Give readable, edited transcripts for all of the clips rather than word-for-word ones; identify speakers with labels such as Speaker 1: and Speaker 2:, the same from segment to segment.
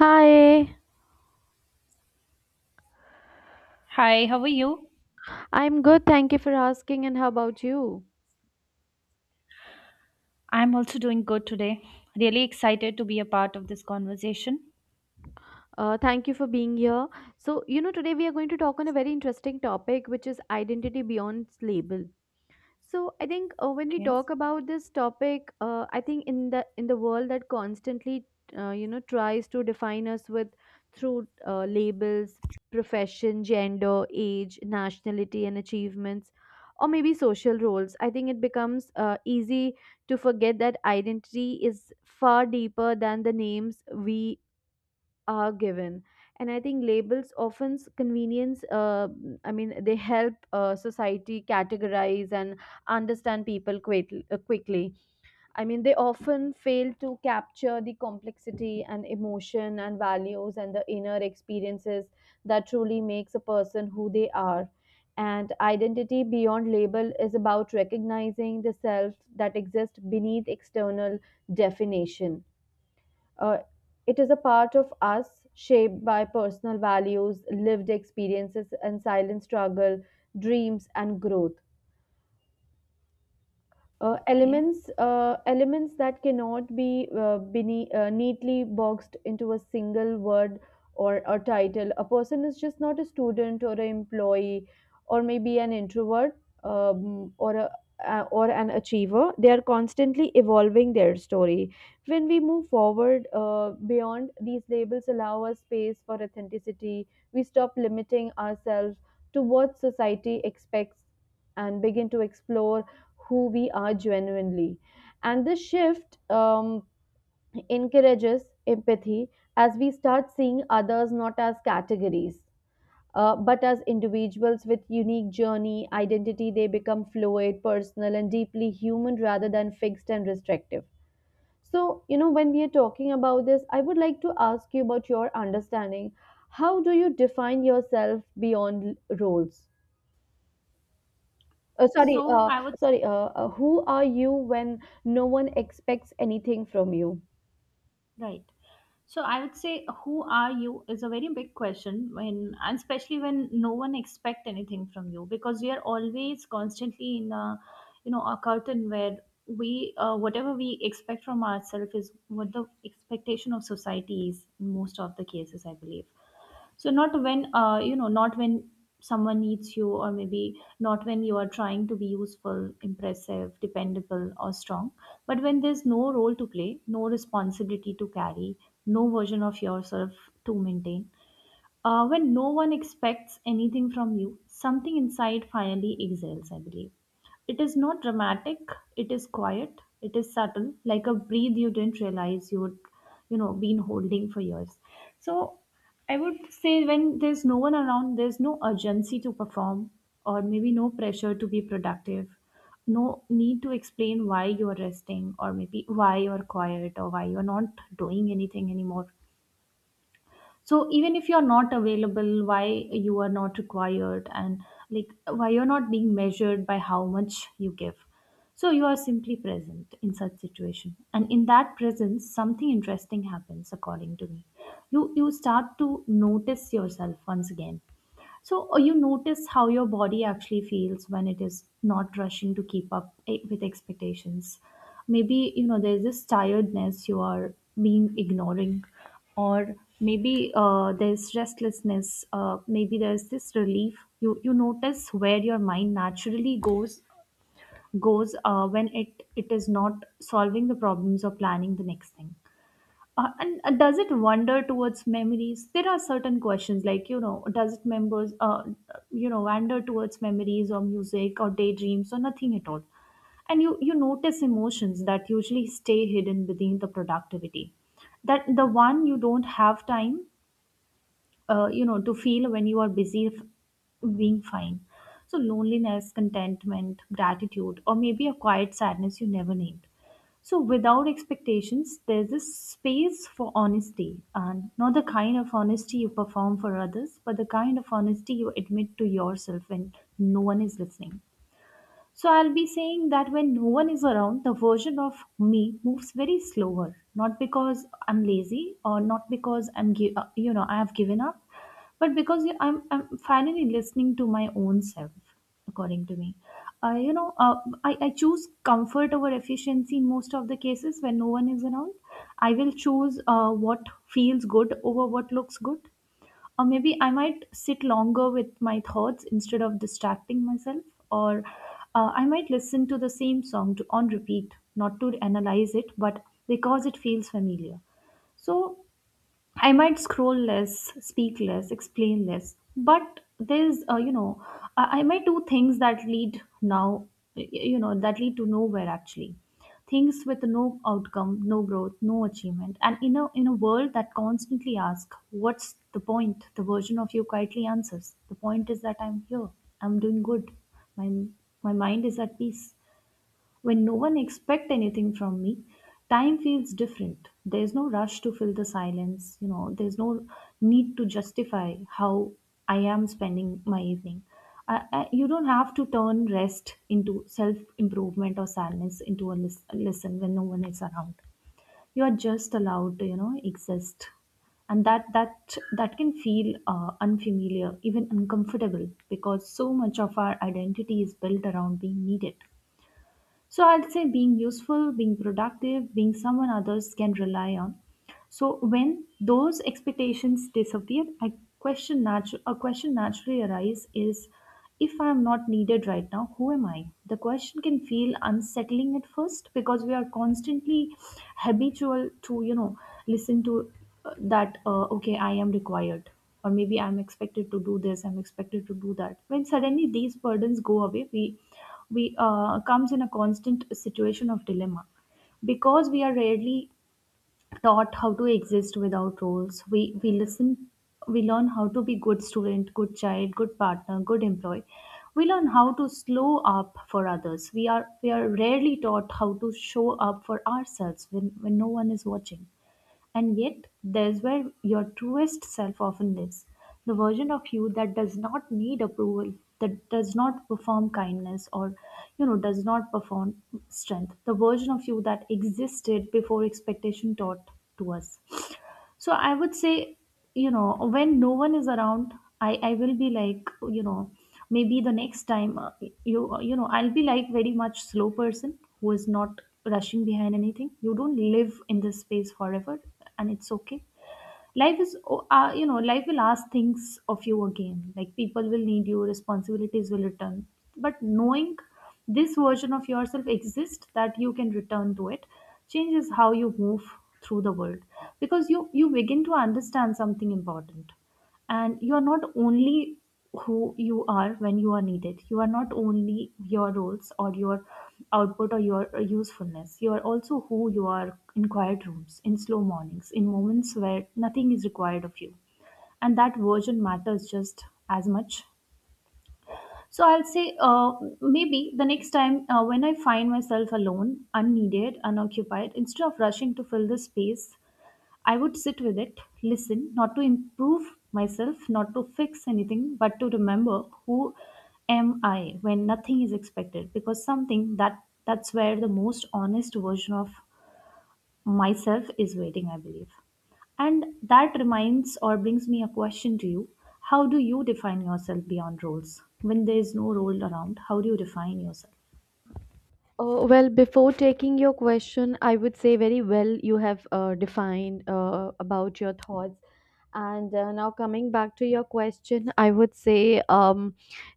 Speaker 1: Hi,
Speaker 2: Hi, how are you?
Speaker 1: I'm good. Thank you for asking. And how about you?
Speaker 2: I'm also doing good today. Really excited to be a part of this conversation.
Speaker 1: Thank you for being here. So, today we are going to talk on a very interesting topic, which is identity beyond labels. So I think when we
Speaker 2: Okay.
Speaker 1: talk about this topic, I think in the world that constantly tries to define us with through labels, profession, gender, age, nationality, and achievements, or maybe social roles. I think it becomes easy to forget that identity is far deeper than the names we are given. And I think labels often convenience, I mean they help society categorize and understand people quite, quickly. I mean they often fail to capture the complexity and emotion and values and the inner experiences that truly makes a person who they are. And identity beyond label is about recognizing the self that exists beneath external definition. uh, it is a part of us shaped by personal values, lived experiences, and silent struggle, dreams, and growth.
Speaker 2: Okay.
Speaker 1: Elements that cannot be neatly boxed into a single word or a title. A person is just not a student or an employee, or maybe an introvert, um, or a or an achiever. They are constantly evolving their story. When we move forward beyond these labels, allow us space for authenticity. We stop limiting ourselves to what society expects and begin to explore who we are genuinely. And this shift encourages empathy as we start seeing others not as categories, but as individuals with unique journey. Identity, they become fluid, personal, and deeply human rather than fixed and restrictive. So, when we are talking about this, I would like to ask you about your understanding. How do you define yourself beyond roles? Sorry,
Speaker 2: So I would
Speaker 1: sorry. Who are you when no one expects anything from you?
Speaker 2: right. So I would say who are you is a very big question when and especially when no one expect anything from you because we are always constantly in a a curtain where we whatever we expect from ourselves is what the expectation of society is in most of the cases I believe. So not when not when someone needs you or maybe not when you are trying to be useful impressive dependable or strong, but when there's no role to play, no responsibility to carry, no version of yourself to maintain. When no one expects anything from you, something inside finally exhales, I believe. It is not dramatic, it is quiet, it is subtle, like a breath you didn't realize you would, been holding for years. So I would say when there's no one around, there's no urgency to perform, or maybe no pressure to be productive, no need to explain why you are resting, or maybe why you are quiet, or why you are not doing anything anymore. So even if you're not available, why you are not required, and like why you're not being measured by how much you give. So you are simply present in such situation, and in that presence something interesting happens according to me. You start to notice yourself once again. So you notice how your body actually feels when it is not rushing to keep up with expectations. Maybe you know there's this tiredness you are being ignoring, or maybe there's restlessness. Maybe there's this relief. You notice where your mind naturally goes when it is not solving the problems or planning the next thing. And Does it wander towards memories? There are certain questions like, you know, does it members, wander towards memories or music or daydreams or nothing at all? And you notice emotions that usually stay hidden within the productivity. That the one you don't have time to feel when you are busy being fine. So loneliness, contentment, gratitude, or maybe a quiet sadness you never named. So without expectations, there's this space for honesty, and not the kind of honesty you perform for others, but the kind of honesty you admit to yourself when no one is listening. So I'll be saying that when no one is around, the version of me moves very slower, not because I'm lazy or not because I'm gi- you know I have given up, but because I'm finally listening to my own self. According to me, uh, you know, uh, I choose comfort over efficiency in most of the cases when no one is around. I will choose what feels good over what looks good, or maybe I might sit longer with my thoughts instead of distracting myself, or I might listen to the same song to, on repeat, not to analyze it but because it feels familiar. So I might scroll less, speak less, explain less, but there's, you know, I might do things that lead now, that lead to nowhere actually. Things with no outcome, no growth, no achievement, and in a world that constantly asks, "What's the point?" The version of you quietly answers, "The point is that I'm here. I'm doing good. My my mind is at peace." When no one expect anything from me, time feels different. There's no rush to fill the silence, you know, there's no need to justify how I am spending my evening. You don't have to turn rest into self improvement or sadness into a listen when no one is around. You are just allowed to, you know, exist, and that can feel unfamiliar, even uncomfortable, because so much of our identity is built around being needed. So I'd say being useful, being productive, being someone others can rely on. So when those expectations disappear, a question naturally arises is if I am not needed right now, who am I? The question can feel unsettling at first because we are constantly habitual to, you know, listen to that, okay, I am required, or maybe I'm expected to do this, I'm expected to do that. When suddenly these burdens go away, we comes in a constant situation of dilemma because we are rarely taught how to exist without roles. We listen, we learn how to be good student, good child, good partner, good employee. We learn how to slow up for others. We are rarely taught how to show up for ourselves when no one is watching. And yet, there's where your truest self often lives, the version of you that does not need approval, that does not perform kindness, or, you know, does not perform strength, the version of you that existed before expectation taught to us. So I would say, you know, when no one is around, I will be like, you know, maybe the next time I'll be like very much slow person who is not rushing behind anything. You don't live in this space forever, and it's okay. life is o- you know Life will ask things of you again, like people will need you, responsibilities will return. But knowing this version of yourself exists, that you can return to it, changes how you move through the world. Because you begin to understand something important, and you are not only who you are when you are needed. You are not only your roles or your output or your usefulness. You are also who you are in quiet rooms, in slow mornings, in moments where nothing is required of you. And that version matters just as much. So I'll say, maybe the next time when I find myself alone, unneeded, unoccupied, instead of rushing to fill the space, I would sit with it, listen, not to improve myself, not to fix anything, but to remember who am I when nothing is expected, because something that that's where the most honest version of myself is waiting, I believe. And that reminds or brings me a question to you. How do you define yourself beyond roles? When there is no role around, how do you define yourself?
Speaker 1: Oh well, before taking your question, I would say very well you have defined about your thoughts. And now, coming back to your question, I would say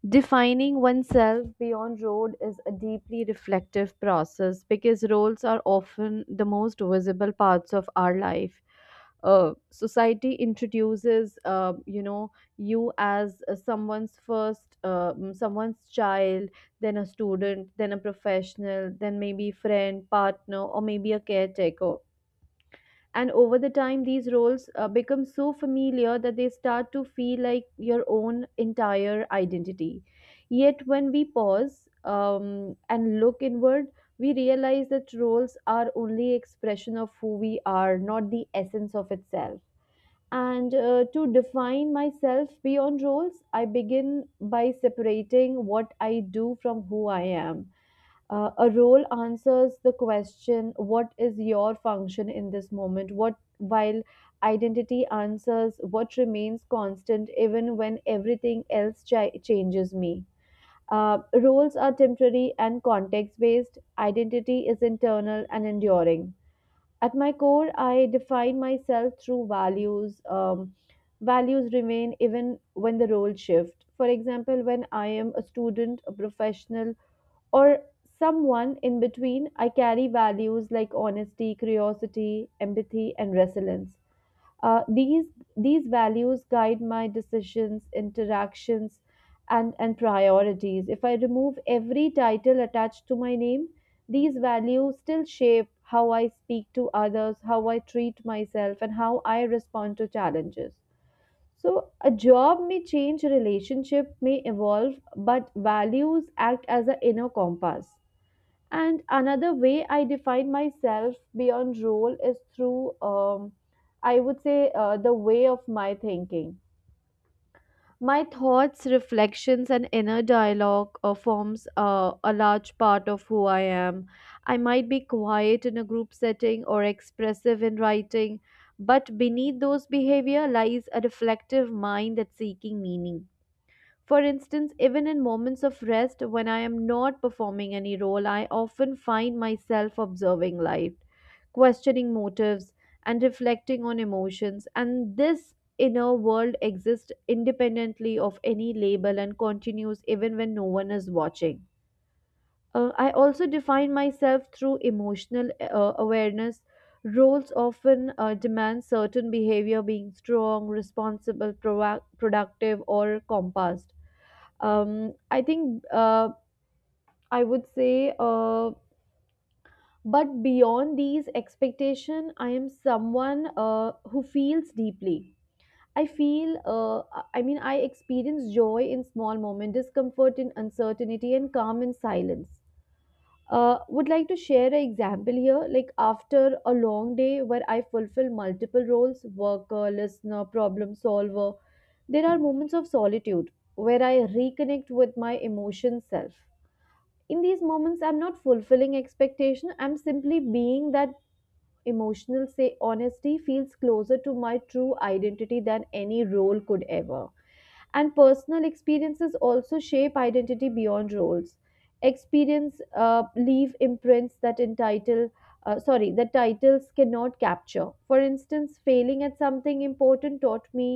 Speaker 1: defining oneself beyond road is a deeply reflective process because roles are often the most visible parts of our life. Society introduces, you as someone's first, someone's child, then a student, then a professional, then maybe friend, partner, or maybe a caretaker. And over the time, these roles become so familiar that they start to feel like your own entire identity. Yet, when we pause and look inward, we realize that roles are only expression of who we are, not the essence of itself. And to define myself beyond roles, I begin by separating what I do from who I am. A role answers the question, what is your function in this moment? What While identity answers what remains constant even when everything else changes me. Roles are temporary and context based. Identity is internal and enduring. At my core, I define myself through values. Values remain even when the role shift. For example, when I am a student, a professional, or someone in between, I carry values like honesty, curiosity, empathy, and resilience. Uh, these these values guide my decisions, interactions, and priorities. If I remove every title attached to my name, these values still shape how I speak to others, how I treat myself, and how I respond to challenges. So, a job may change, relationship may evolve, but values act as an inner compass. And another way I define myself beyond role is through, I would say, the way of my thinking. My thoughts, reflections, and inner dialogue forms a large part of who I am. I might be quiet in a group setting or expressive in writing, but beneath those behavior lies a reflective mind that's seeking meaning. For instance, even in moments of rest when I am not performing any role, I often find myself observing life, questioning motives, and reflecting on emotions. And this inner world exists independently of any label and continues even when no one is watching. I also define myself through emotional awareness. Roles often demand certain behavior being strong, responsible, proac- productive, or compassed. I think I would say, but beyond these expectation, I am someone who feels deeply. I mean, I experience joy in small moments, discomfort in uncertainty, and calm in silence. Would like to share an example here. Like after a long day where I fulfill multiple roles, worker, listener, problem solver, there are moments of solitude where I reconnect with my emotion self. In these moments, I'm not fulfilling expectation, I'm simply being that emotional. Say honesty feels closer to my true identity than any role could ever. And personal experiences also shape identity beyond roles. Experience leave imprints that entitle sorry, that titles cannot capture. For instance, failing at something important taught me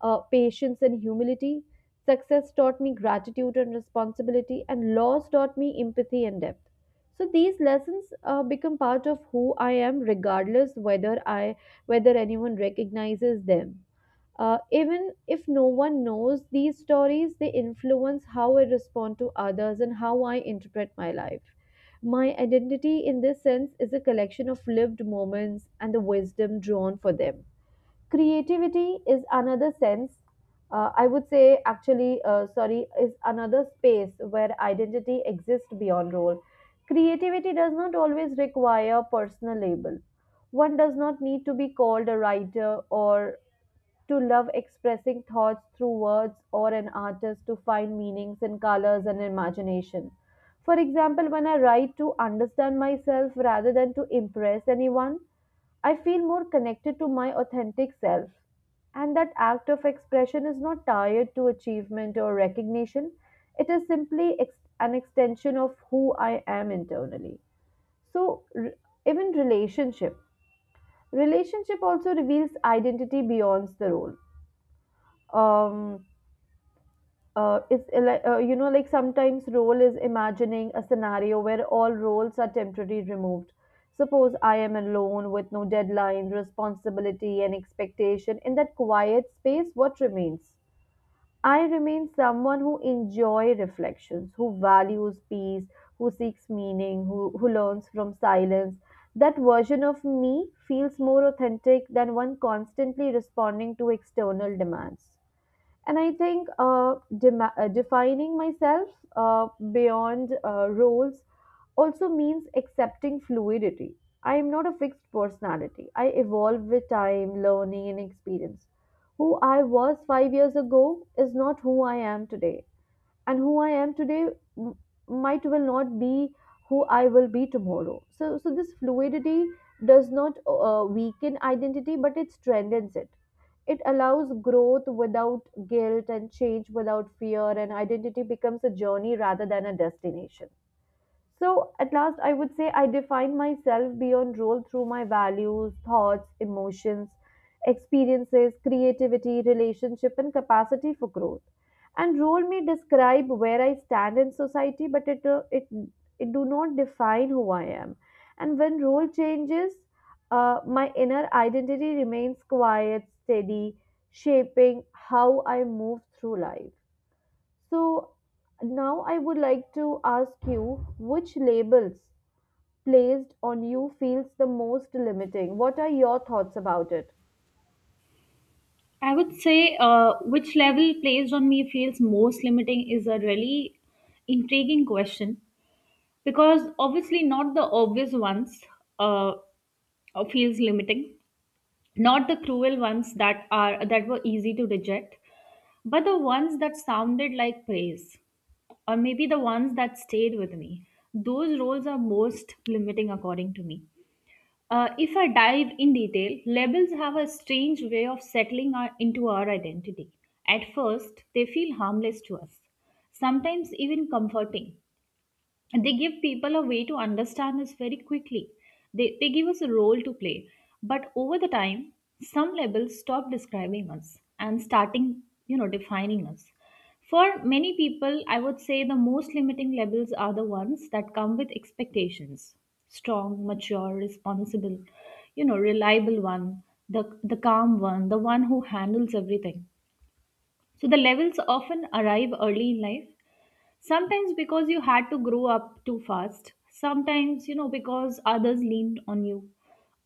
Speaker 1: patience and humility. Success taught me gratitude and responsibility, and loss taught me empathy and depth. So these lessons become part of who I am, regardless whether anyone recognizes them. Even if no one knows these stories, they influence how I respond to others and how I interpret my life. My identity, in this sense, is a collection of lived moments and the wisdom drawn for them. Creativity is another sense, I would say, actually, sorry, is another space where identity exists beyond role. Creativity does not always require personal label. One does not need to be called a writer or to love expressing thoughts through words or an artist to find meanings in colors and imagination. For example, when I write to understand myself rather than to impress anyone, I feel more connected to my authentic self. And that act of expression is not tied to achievement or recognition, it is simply an extension of who I am internally. So, even relationship. Relationship also reveals identity beyond the role. um it's like, sometimes role is imagining a scenario where all roles are temporarily removed. Suppose I am alone with no deadline responsibility and expectation. In that quiet space, what remains? I remain someone who enjoy reflections, who values peace, who seeks meaning, who learns from silence. That version of me feels more authentic than one constantly responding to external demands. And I think dema defining myself uh, beyond roles also means accepting fluidity. I am not a fixed personality. I evolve with time, learning, and experience. Who I was 5 years ago is not who I am today, and who I am today m- might well not be who I will be tomorrow. So, so this fluidity does not weaken identity, but it strengthens it. It allows growth without guilt and change without fear, and identity becomes a journey rather than a destination. So, at last, I would say I define myself beyond role through my values, thoughts, emotions, experiences, creativity, relationship, and capacity for growth. And role may describe where I stand in society, but it do not define who I am. And when role changes, my inner identity remains quiet, steady, shaping how I move through life. So now I would like to ask you which labels placed on you feels the most limiting. What are your thoughts about it?
Speaker 2: I would say which level placed on me feels most limiting is a really intriguing question, because obviously not the obvious ones uh, feels limiting, not the cruel ones that are that were easy to reject, but the ones that sounded like praise, or maybe the ones that stayed with me. Those roles are most limiting according to me. If I dive in detail, labels have a strange way of settling our, into our identity. At first they feel harmless to us, sometimes even comforting. They give people a way to understand us very quickly. They give us a role to play. But over the time, some labels stop describing us and starting, you know, defining us. For many people, I would say the most limiting labels are the ones that come with expectations. Strong, mature, responsible, you know, reliable one, the calm one, the one who handles everything. So the levels often arrive early in life. Sometimes because you had to grow up too fast. Sometimes, you know, because others leaned on you.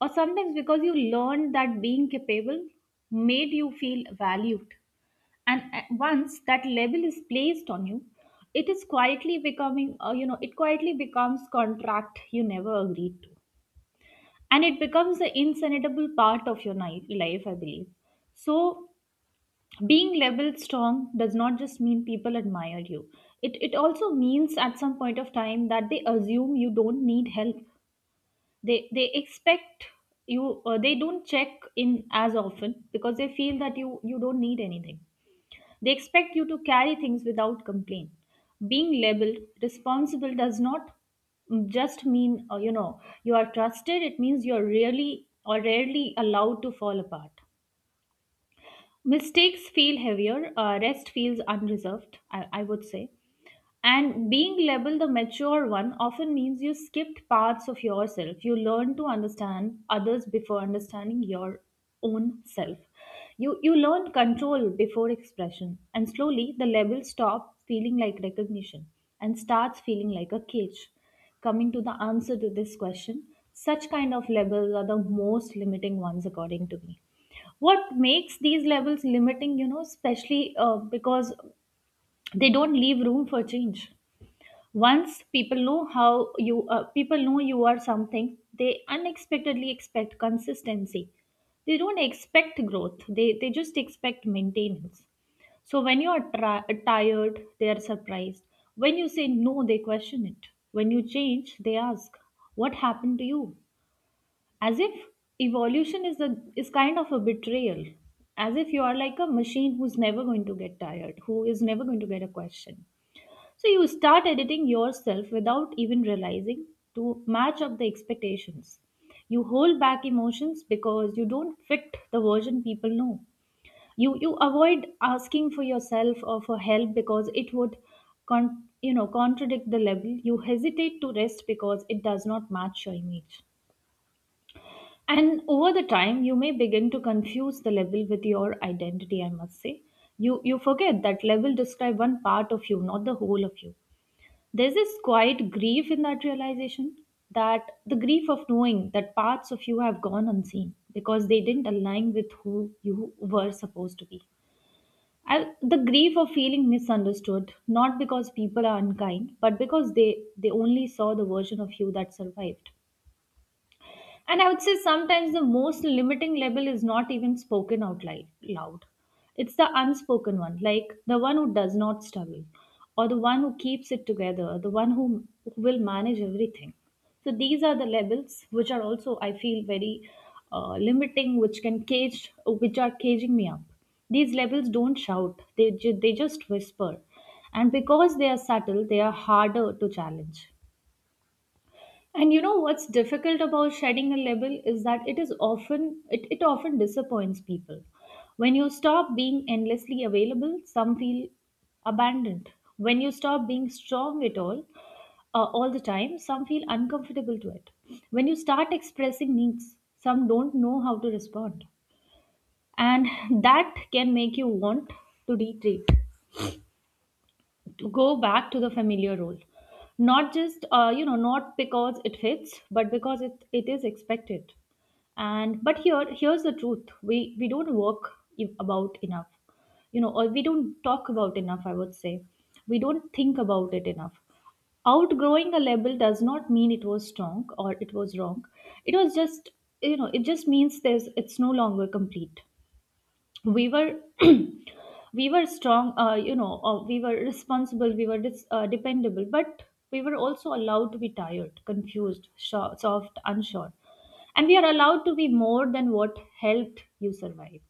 Speaker 2: Or sometimes because you learned that being capable made you feel valued. And once that label is placed on you, it is quietly becoming, it quietly becomes contract you never agreed to. And it becomes an insanable part of your life, I believe. So being labeled strong does not just mean people admire you. It also means at some point of time that they assume you don't need help. They expect you they don't check in as often because they feel that you don't need anything. They expect you to carry things without complaint. Being labeled responsible does not just mean, you are trusted. It means you are really or rarely allowed to fall apart. Mistakes feel heavier, rest feels unreserved, I would say. And being labeled the mature one often means you skipped parts of yourself. You learn to understand others before understanding your own self. You learn control before expression. And slowly, the label stops feeling like recognition and starts feeling like a cage. Coming to the answer to this question, such kind of labels are the most limiting ones, according to me. What makes these levels limiting, you know, especially because they don't leave room for change? Once people know how you people know you are something, they unexpectedly expect consistency. They don't expect growth. They just expect maintenance. So when you are tired, they are surprised. When you say no, they question it. When you change, they ask, "What happened to you?" As if evolution is a is kind of a betrayal. As if you are like a machine who's never going to get tired, who is never going to get a question. So you start editing yourself without even realizing, to match up the expectations. You hold back emotions because you don't fit the version people know. You avoid asking for yourself or for help because it would con- you know, contradict the label. You hesitate to rest because it does not match your image. And over the time, you may begin to confuse the level with your identity, I must say. You forget that level describe one part of you, not the whole of you. There's this quiet grief in that realization, that the grief of knowing that parts of you have gone unseen because they didn't align with who you were supposed to be. I, the grief of feeling misunderstood, not because people are unkind, but because they only saw the version of you that survived. And I would say sometimes the most limiting label is not even spoken out loud. It's the unspoken one, like the one who does not struggle, or the one who keeps it together, the one who will manage everything. So these are the labels which are also, I feel, very limiting, which can cage, which are caging me up. These labels don't shout; they just whisper, and because they are subtle, they are harder to challenge. And you know what's difficult about shedding a label is that it is it often disappoints people. When you stop being endlessly available, some feel abandoned. When you stop being strong at all the time, some feel uncomfortable to it. When you start expressing needs, some don't know how to respond. And that can make you want to retreat, to go back to the familiar role, not just you know, not because it fits, but because it is expected. And but here's the truth: we don't work about enough, you know, or we don't talk about enough, I would say. We don't think about it enough. Outgrowing a label does not mean it was strong or it was wrong. It was just, you know, it just means there's it's no longer complete. We were we were strong, you know, we were responsible, we were dependable, but we were also allowed to be tired, confused, soft, unsure. And we are allowed to be more than what helped you survive.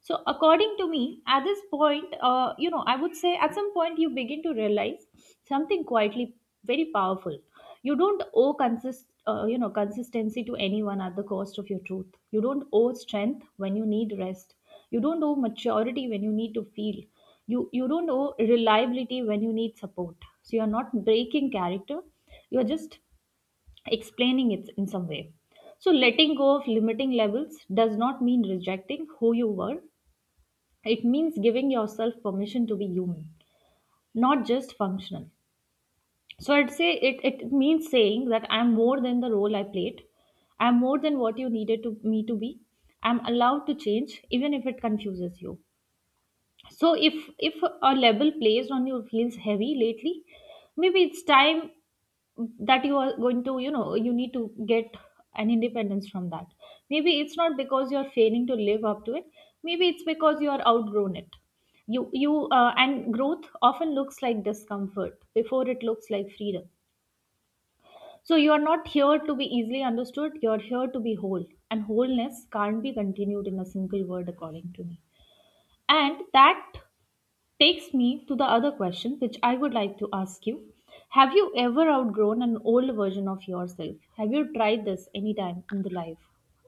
Speaker 2: So according to me, at this point, you know, I would say at some point you begin to realize something quietly very powerful. You don't owe consist you know, consistency to anyone at the cost of your truth. You don't owe strength when you need rest. You don't owe maturity when you need to feel. You don't owe reliability when you need support. So you're not breaking character, you're just explaining it in some way. So letting go of limiting levels does not mean rejecting who you were. It means giving yourself permission to be human, not just functional. So I'd say it means saying that I'm more than the role I played. I'm more than what you needed to me to be. I'm allowed to change, even if it confuses you. So if a label placed on you feels heavy lately, maybe it's time that you are going to, you know, you need to get an independence from that. Maybe it's not because you're failing to live up to it. Maybe it's because you are outgrown it. You And growth often looks like discomfort before it looks like freedom. So you are not here to be easily understood, you're here to be whole. And wholeness can't be continued in a single word, according to me. And that takes me to the other question which I would like to ask you. Have you ever outgrown an old version of yourself? Have you tried this anytime in the life?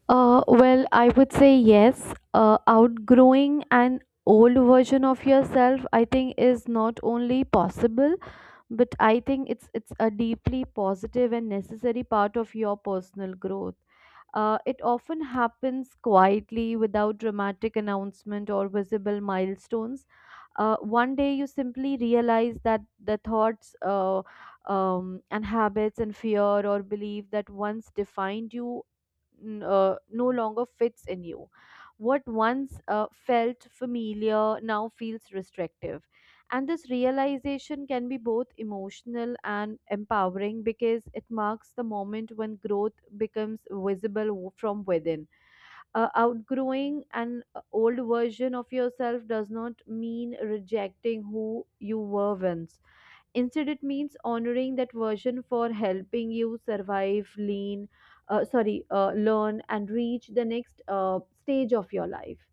Speaker 1: Well, I would say yes. Outgrowing an old version of yourself, I think, is not only possible, but I think it's a deeply positive and necessary part of your personal growth. It often happens quietly without dramatic announcement or visible milestones. One day you simply realize that the thoughts and habits and fear or belief that once defined you no longer fits in you. What once felt familiar now feels restrictive, and this realization can be both emotional and empowering because it marks the moment when growth becomes visible from within. Outgrowing an old version of yourself does not mean rejecting who you were once. Instead, it means honoring that version for helping you survive, sorry, learn, and reach the next stage of your life.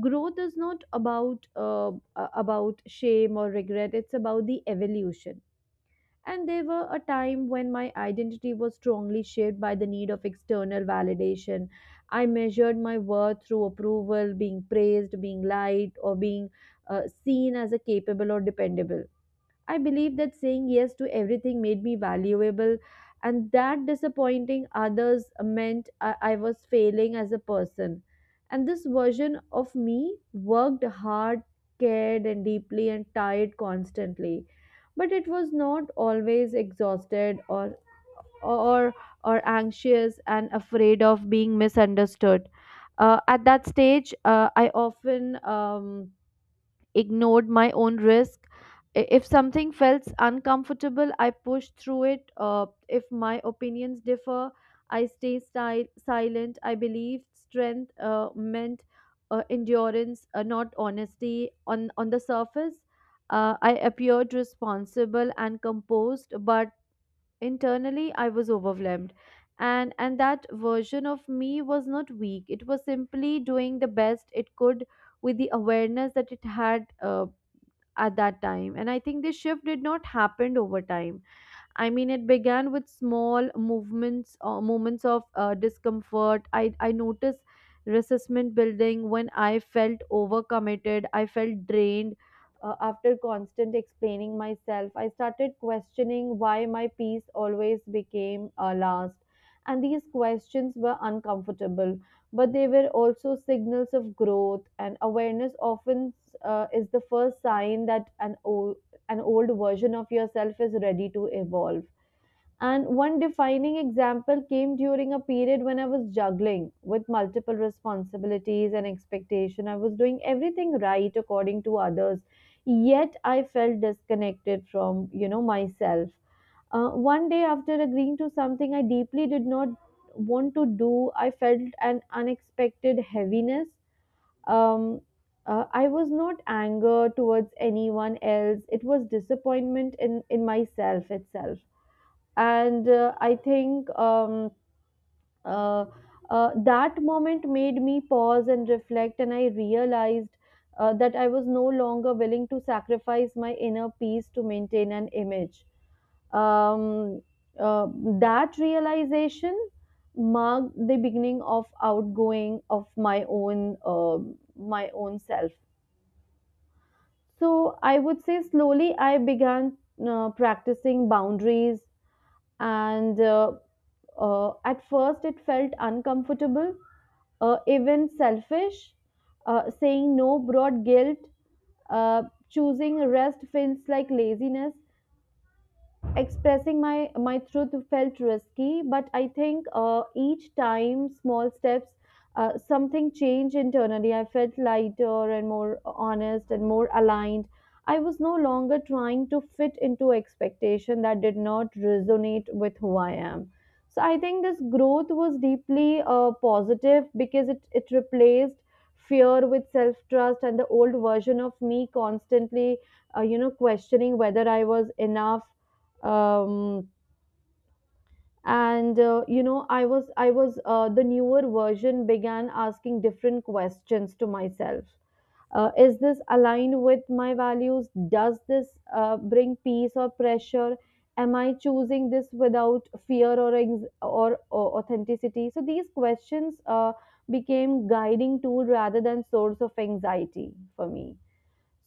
Speaker 1: Growth is not about shame or regret, it's about the evolution. And there were a time when my identity was strongly shaped by the need of external validation. I measured my worth through approval, being praised, being liked, or being seen as a capable or dependable. I believe that saying yes to everything made me valuable, and that disappointing others meant I was failing as a person. And this version of me worked hard, cared, and deeply, and tired constantly. But it was not always exhausted or or anxious and afraid of being misunderstood. At that stage, I often ignored my own risk. If something felt uncomfortable, I pushed through it. If my opinions differ, I stay silent. I believed strength meant endurance, not honesty. On the surface, I appeared responsible and composed, but internally, I was overwhelmed. And that version of me was not weak. It was simply doing the best it could with the awareness that it had at that time. And I think this shift did not happen over time. I mean, it began with small movements or moments of discomfort. I noticed resentment building when I felt overcommitted. I felt drained after constant explaining myself. I started questioning why my piece always became last. And these questions were uncomfortable, but they were also signals of growth. And awareness often is the first sign that an old version of yourself is ready to evolve. And one defining example came during a period when I was juggling with multiple responsibilities and expectation. I was doing everything right according to others, yet I felt disconnected from, you know, myself. One day after agreeing to something I deeply did not want to do, I felt an unexpected heaviness. um, I was not anger towards anyone else. It was disappointment in myself itself. And I think uh, that moment made me pause and reflect, and I realized that I was no longer willing to sacrifice my inner peace to maintain an image. Um, uh, that realization marked the beginning of outgoing of my own self. So I would say slowly I began practicing boundaries, and at first it felt uncomfortable, even selfish. Saying no brought guilt, uh, choosing rest feels like laziness. Expressing my truth felt risky, but I think each time, small steps, something changed internally. I felt lighter and more honest and more aligned. I was no longer trying to fit into expectation that did not resonate with who I am. So I think this growth was deeply positive because it replaced fear with self trust. And the old version of me constantly you know, questioning whether I was enough. um, and you know, I was the newer version began asking different questions to myself. Is this aligned with my values? Does this bring peace or pressure? Am I choosing this without fear or or authenticity? So these questions became guiding tool rather than source of anxiety for me.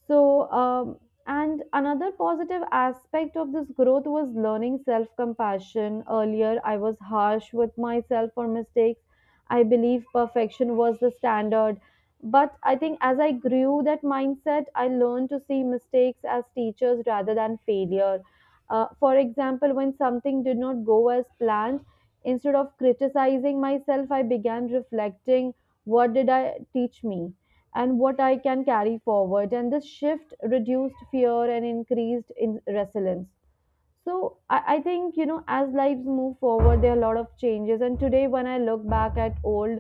Speaker 1: so, um, and another positive aspect of this growth was learning self compassion. Earlier, I was harsh with myself for mistakes. I believe perfection was the standard. But I think as I grew that mindset, I learned to see mistakes as teachers rather than failure. For example, when something did not go as planned, instead of criticizing myself, I began reflecting what did I teach me? And what I can carry forward. And this shift reduced fear and increased in resilience. So I think, you know, as lives move forward, there are a lot of changes. And today, when I look back at old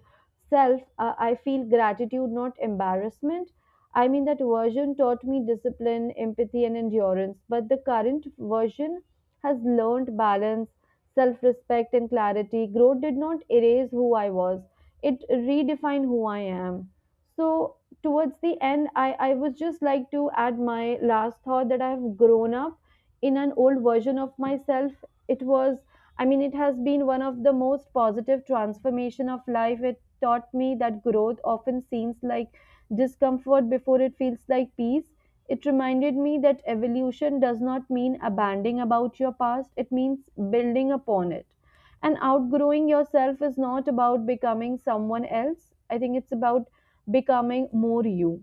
Speaker 1: self, I feel gratitude, not embarrassment. I mean, that version taught me discipline, empathy, and endurance. But the current version has learned balance, self respect, and clarity. Growth did not erase who I was, it redefined who I am. So, towards the end, I would just like to add my last thought that I've grown up in an old version of myself. It was, I mean, it has been one of the most positive transformation of life. It taught me that growth often seems like discomfort before it feels like peace. It reminded me that evolution does not mean abandoning about your past, it means building upon it. And outgrowing yourself is not about becoming someone else. I think it's about becoming more you.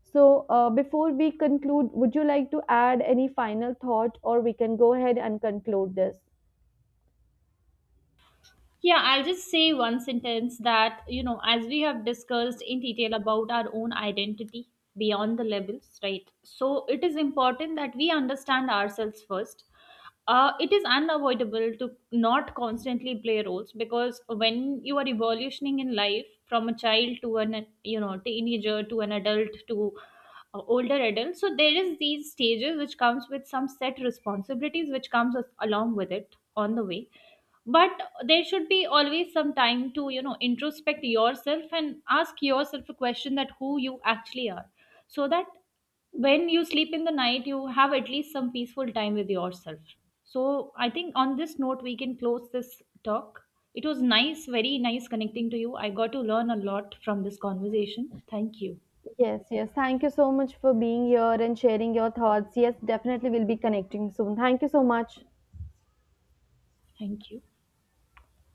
Speaker 1: So, before we conclude, would you like to add any final thought or we can go ahead and conclude this?
Speaker 2: Yeah, I'll just say one sentence that, you know, as we have discussed in detail about our own identity beyond the labels, right? So it is important that we understand ourselves first. It is unavoidable to not constantly play roles, because when you are evolutioning in life from a child to an, you know, teenager to an adult to older adult, so there is these stages which comes with some set responsibilities which comes along with it on the way. But there should be always some time to, you know, introspect yourself and ask yourself a question that who you actually are, so that when you sleep in the night you have at least some peaceful time with yourself. So I think on this note we can close this talk. It was nice, very nice connecting to you. I got to learn a lot from this conversation. Thank you.
Speaker 1: Yes, yes. Thank you so much for being here and sharing your thoughts. Yes, definitely we'll be connecting soon. Thank you so much.
Speaker 2: Thank you.